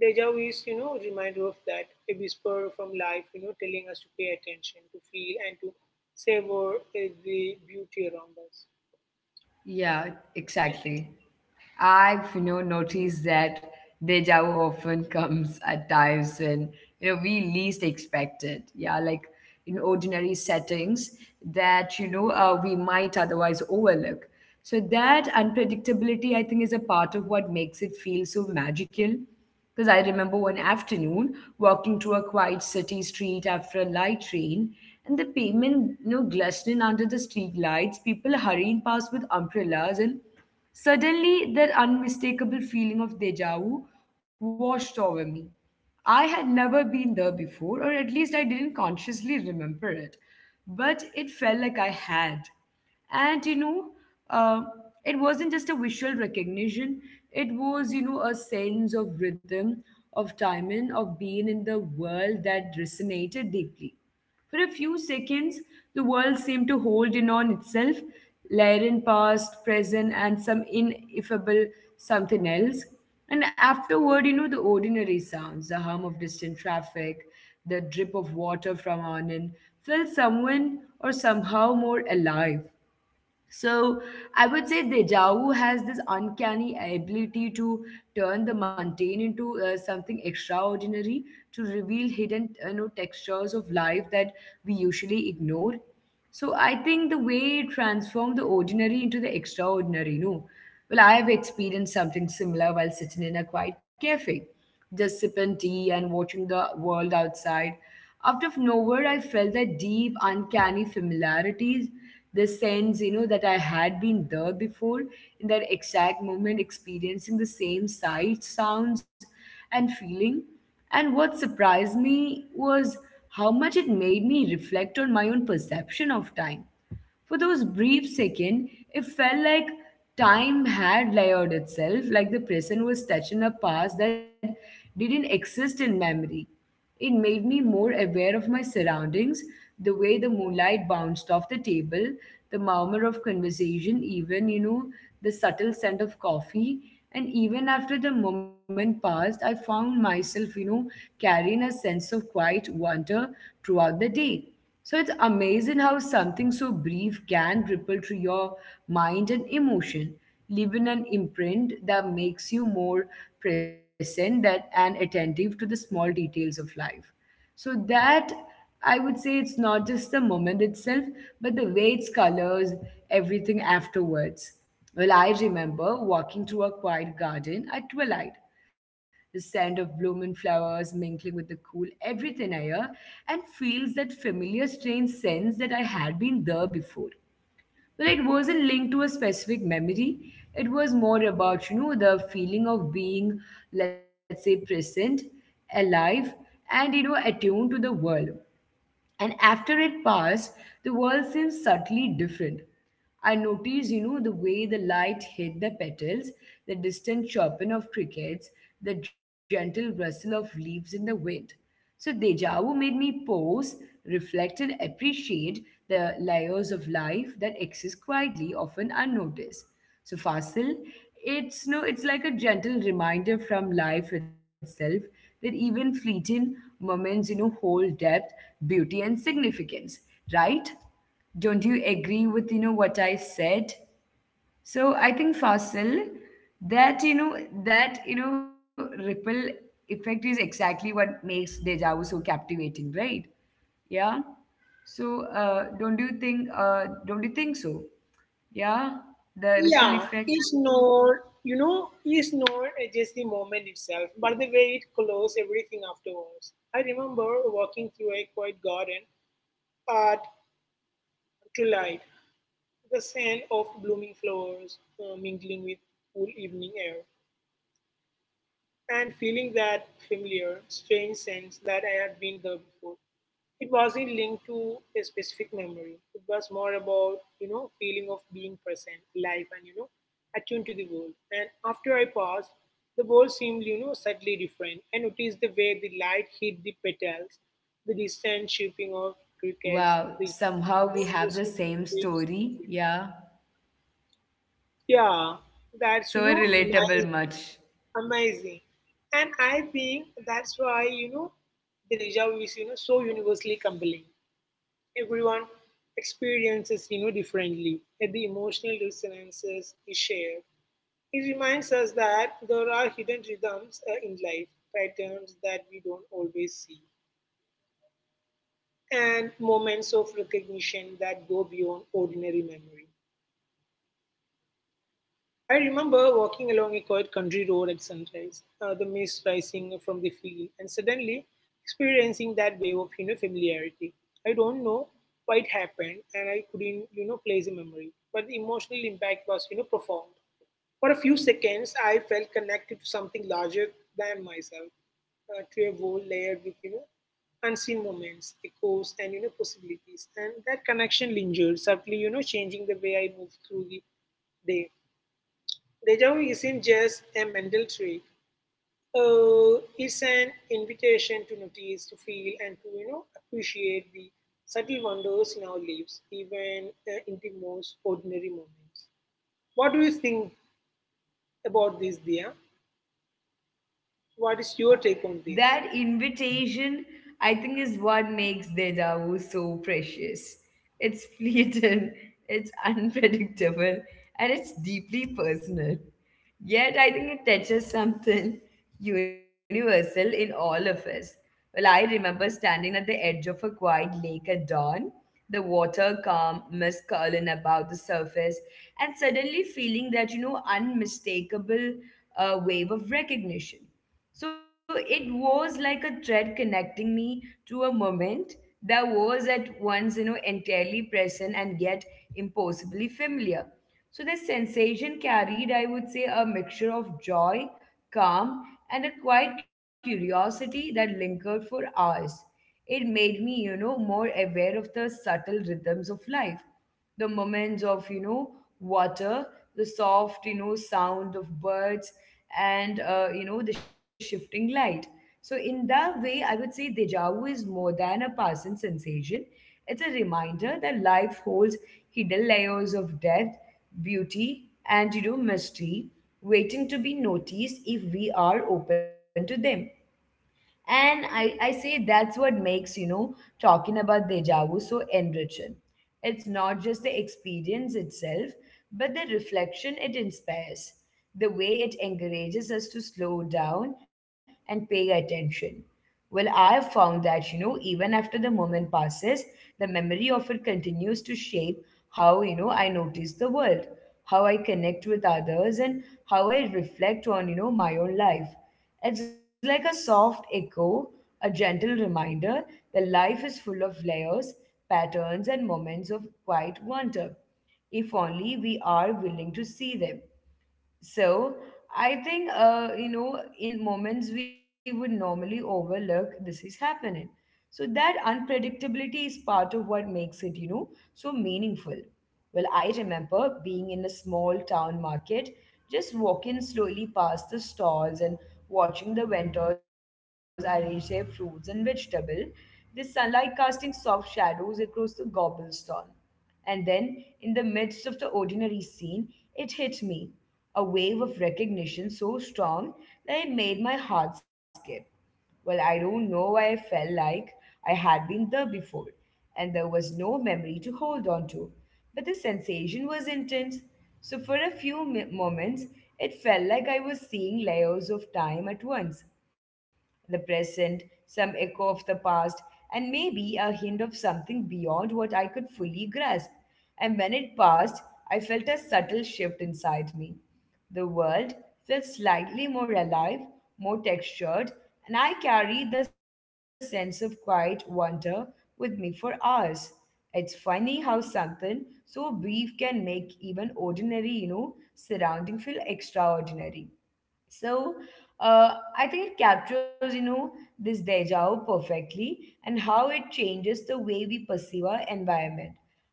Deja vu is reminder of that, a whisper from life, telling us to pay attention, to feel, and to savor the beauty around us.
Yeah, exactly. I've noticed that deja vu often comes at times when we least expect it. Yeah, like in ordinary settings that we might otherwise overlook. So that unpredictability, I think, is a part of what makes it feel so magical. Because I remember one afternoon walking through a quiet city street after a light rain, and the pavement, glistening under the street lights, people hurrying past with umbrellas and suddenly, that unmistakable feeling of deja vu washed over me. I had never been there before, or at least I didn't consciously remember it, but it felt like I had. And uh, it wasn't just a visual recognition, it was, a sense of rhythm, of timing, of being in the world that resonated deeply. For a few seconds, the world seemed to hold in on itself, layering past, present, and some ineffable something else. And afterward, the ordinary sounds, the hum of distant traffic, the drip of water from on in, felt someone or somehow more alive. So I would say deja vu has this uncanny ability to turn the mundane into something extraordinary, to reveal hidden, textures of life that we usually ignore. So I think the way it transformed the ordinary into the extraordinary, no. Well, I have experienced something similar while sitting in a quiet cafe, just sipping tea and watching the world outside. Out of nowhere, I felt that deep, uncanny familiarities the sense, that I had been there before in that exact moment, experiencing the same sights, sounds, and feeling. And what surprised me was how much it made me reflect on my own perception of time. For those brief second, it felt like time had layered itself, like the present was touching a past that didn't exist in memory. It made me more aware of my surroundings, the way the moonlight bounced off the table, the murmur of conversation, even, the subtle scent of coffee. And even after the moment passed, I found myself, carrying a sense of quiet wonder throughout the day. So it's amazing how something so brief can ripple through your mind and emotion, leaving an imprint that makes you more present that, and attentive to the small details of life. So that I would say it's not just the moment itself, but the way it's colors everything afterwards. Well, I remember walking through a quiet garden at twilight the scent of blooming flowers mingling with the cool everything air and feels that familiar strange sense that I had been there before. Well, it wasn't linked to a specific memory. It was more about, the feeling of being, let's say, present, alive, and, attuned to the world. And after it passed, the world seemed subtly different. I noticed, the way the light hit the petals, the distant chirping of crickets, the gentle rustle of leaves in the wind. So deja vu made me pause, reflect, and appreciate the layers of life that exist quietly, often unnoticed. So Fasil, it's no, it's like a gentle reminder from life itself that even fleeting moments, hold depth, beauty, and significance, right? Don't you agree with, what I said? So I think Fasil, that ripple effect is exactly what makes Deja Vu so captivating, right? Yeah. So don't you think so? Yeah, the ripple
Yeah,
effect.
it's not, it's not just the moment itself, but the way it closes everything afterwards. I remember walking through a quiet garden at to light, the scent of blooming flowers mingling with cool evening air, and feeling that familiar, strange sense that I had been there before. It wasn't linked to a specific memory. It was more about feeling of being present, alive, and attuned to the world. And after I passed, the world seemed, subtly different. I noticed the way the light hit the petals, the distant chirping of crickets,
Wow, somehow we have the same
waves.
story. Yeah.
Yeah, that's
So
amazing,
relatable much.
amazing, and I think that's why the deja vu is so universally compelling. Everyone experiences differently, yet the emotional resonances is shared. It reminds us that there are hidden rhythms in life patterns that we don't always see, and moments of recognition that go beyond ordinary memory. I remember walking along a quiet country road at sunrise, the mist rising from the field, and suddenly experiencing that wave of familiarity. I don't know why it happened, and I couldn't place a memory, but the emotional impact was profound. For a few seconds, I felt connected to something larger than myself, to a world layered with unseen moments, echoes, and possibilities. And that connection lingered, subtly changing the way I moved through the day. Deja vu isn't just a mental trick. It's an invitation to notice, to feel, and to appreciate the subtle wonders in our lives, even in the most ordinary moments. What do you think about this, Dia? What is
Yeah.
your take on this?
That invitation, I think, is what makes deja vu so precious. It's fleeting, it's unpredictable, and it's deeply personal. Yet, I think it touches something universal in all of us. Well, I remember standing at the edge of a quiet lake at dawn the water calm, mist curling above the surface, and suddenly feeling that, unmistakable wave of recognition. So it was like a thread connecting me to a moment that was at once, entirely present and yet impossibly familiar. So the sensation carried, I would say, a mixture of joy, calm, and a quiet curiosity that lingered for hours. It made me, more aware of the subtle rhythms of life, the moments of, water, the soft, sound of birds, and, the shifting light. So, in that way, I would say deja vu is more than a passing sensation. It's a reminder that life holds hidden layers of depth, beauty, and mystery waiting to be noticed if we are open to them. And I say that's what makes, talking about deja vu so enriching. It's not just the experience itself, but the reflection it inspires, the way it encourages us to slow down and pay attention. Well, I have found that, even after the moment passes, the memory of it continues to shape how, I notice the world, how I connect with others, and how I reflect on, my own life. It's like a soft echo, a gentle reminder that life is full of layers, patterns, and moments of quiet wonder, if only we are willing to see them. So I think, in moments we would normally overlook, this is happening. So that unpredictability is part of what makes it, so meaningful. Well, I remember being in a small town market, just walking slowly past the stalls and watching the vendors arrange their fruits and vegetables, the sunlight casting soft shadows across the cobblestone. And then, in the midst of the ordinary scene, it hit me a wave of recognition so strong that it made my heart skip. Well, I don't know why I felt like I had been there before, and there was no memory to hold on to. But the sensation was intense, so for a few moments, it felt like I was seeing layers of time at once the present, some echo of the past, and maybe a hint of something beyond what I could fully grasp. And when it passed, I felt a subtle shift inside me. The world felt slightly more alive, more textured, and I carried the sense of quiet wonder with me for hours. It's funny how something so brief can make even ordinary, surrounding feel extraordinary. So I think it captures, this deja vu perfectly and how it changes the way we perceive our environment.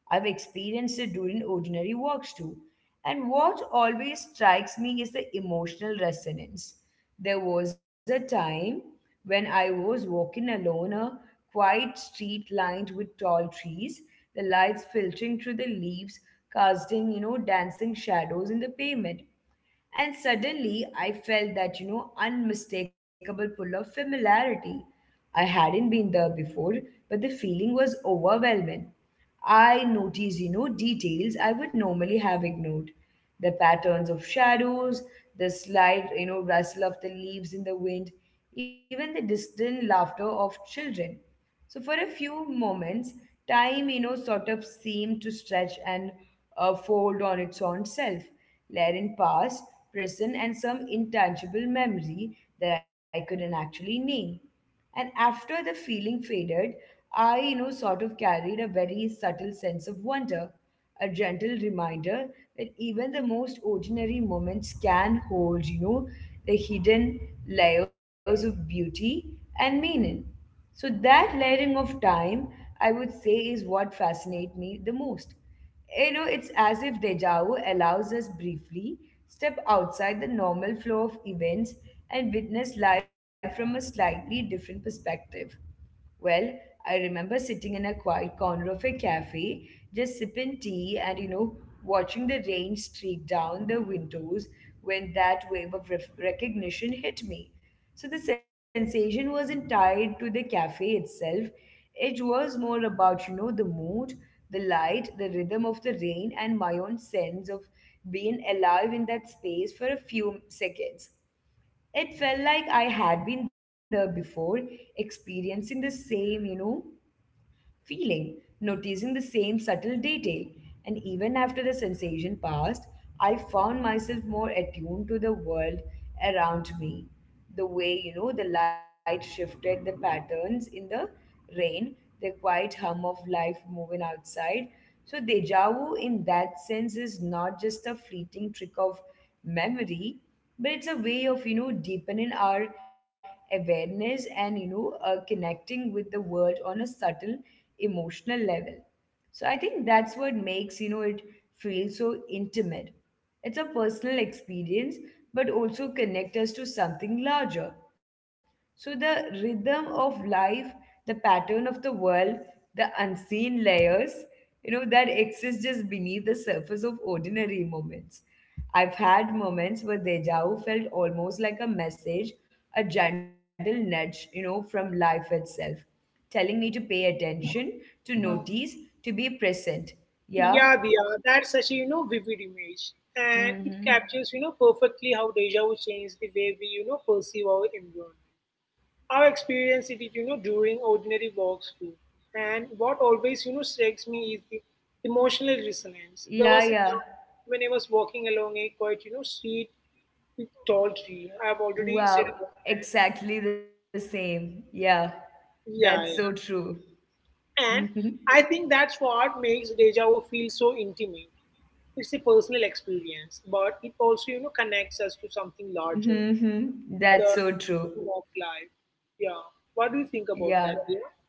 I've experienced it during ordinary walks too. And what always strikes me is the emotional resonance. There was a time when I was walking alone, a quiet street lined with tall trees, the lights filtering through the leaves, casting, dancing shadows in the pavement. And suddenly I felt that, unmistakable pull of familiarity. I hadn't been there before, but the feeling was overwhelming. I noticed, details I would normally have ignored. The patterns of shadows, the slight, rustle of the leaves in the wind, even the distant laughter of children. So for a few moments, time, sort of seemed to stretch and fold on its own self, layering past, present, and some intangible memory that I couldn't actually name. And after the feeling faded, I, sort of carried a very subtle sense of wonder, a gentle reminder that even the most ordinary moments can hold, the hidden layers of beauty and meaning. So that layering of time, I would say, is what fascinates me the most. You know, it's as if deja vu allows us briefly step outside the normal flow of events and witness life from a slightly different perspective. Well, I remember sitting in a quiet corner of a cafe, just sipping tea and, watching the rain streak down the windows when that wave of recognition hit me. So the sensation wasn't tied to the cafe itself. It was more about, the mood, the light, the rhythm of the rain, and my own sense of being alive in that space for a few seconds. It felt like I had been there before, experiencing the same, feeling, noticing the same subtle detail. And even after the sensation passed, I found myself more attuned to the world around me. The way, the light shifted, the patterns in the rain, the quiet hum of life moving outside. So, deja vu in that sense is not just a fleeting trick of memory but it's a way of deepening our awareness and connecting with the world on a subtle emotional level. So I think that's what makes it feel so intimate. It's a personal experience but also connect us to something larger. So, the rhythm of life, the pattern of the world, the unseen layers, that exist just beneath the surface of ordinary moments. I've had moments where deja vu felt almost like a message, a gentle nudge, from life itself, telling me to pay attention, to notice, to be present. Yeah.
Yeah, Dia, that's such a vivid image, and it
Mm-hmm.
captures perfectly how deja vu changes the way we perceive our environment. I experience it, during ordinary walks too. And what always, strikes me is the emotional resonance. There
Yeah,
was a
yeah.
time when I was walking along a quite, street with tall tree. I've already said
Wow.
about that.
Exactly the same. Yeah. That's so
Yeah,
true.
yeah. And
Hmm.
I think that's what makes deja vu feel so intimate. It's a personal experience, but it also, connects us to something larger,
Hmm.
the
That's so true.
rhythm of life. Yeah. What
Yeah,
do you think about that, dear?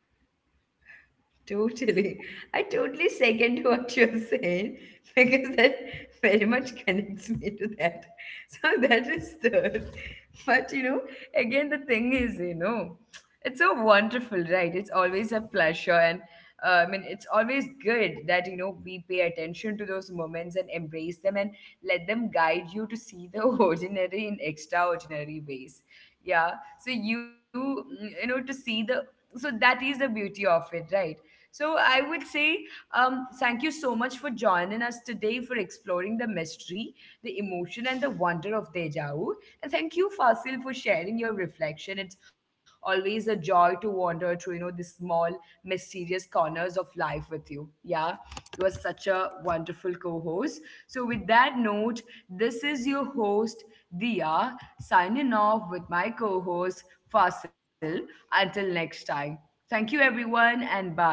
totally. I totally second what you're saying because that very much connects me to that. So that is third. But you know, again, the thing is, it's so wonderful, right? It's always a pleasure. And I mean, it's always good that we pay attention to those moments and embrace them and let them guide you to see the ordinary in extraordinary ways. Yeah. So you mm, you know to see the so that is the beauty of it, right? So I would say thank you so much for joining us today for exploring the mystery, the emotion, and the wonder of Deja and thank you, Fasil, for sharing your reflection. It's always a joy to wander through, the small, mysterious corners of life with you. Yeah, you are such a wonderful co host. So, with that note, this is your host, Dia, signing off with my co host, Fasil. Until next time. Thank you, everyone, and bye.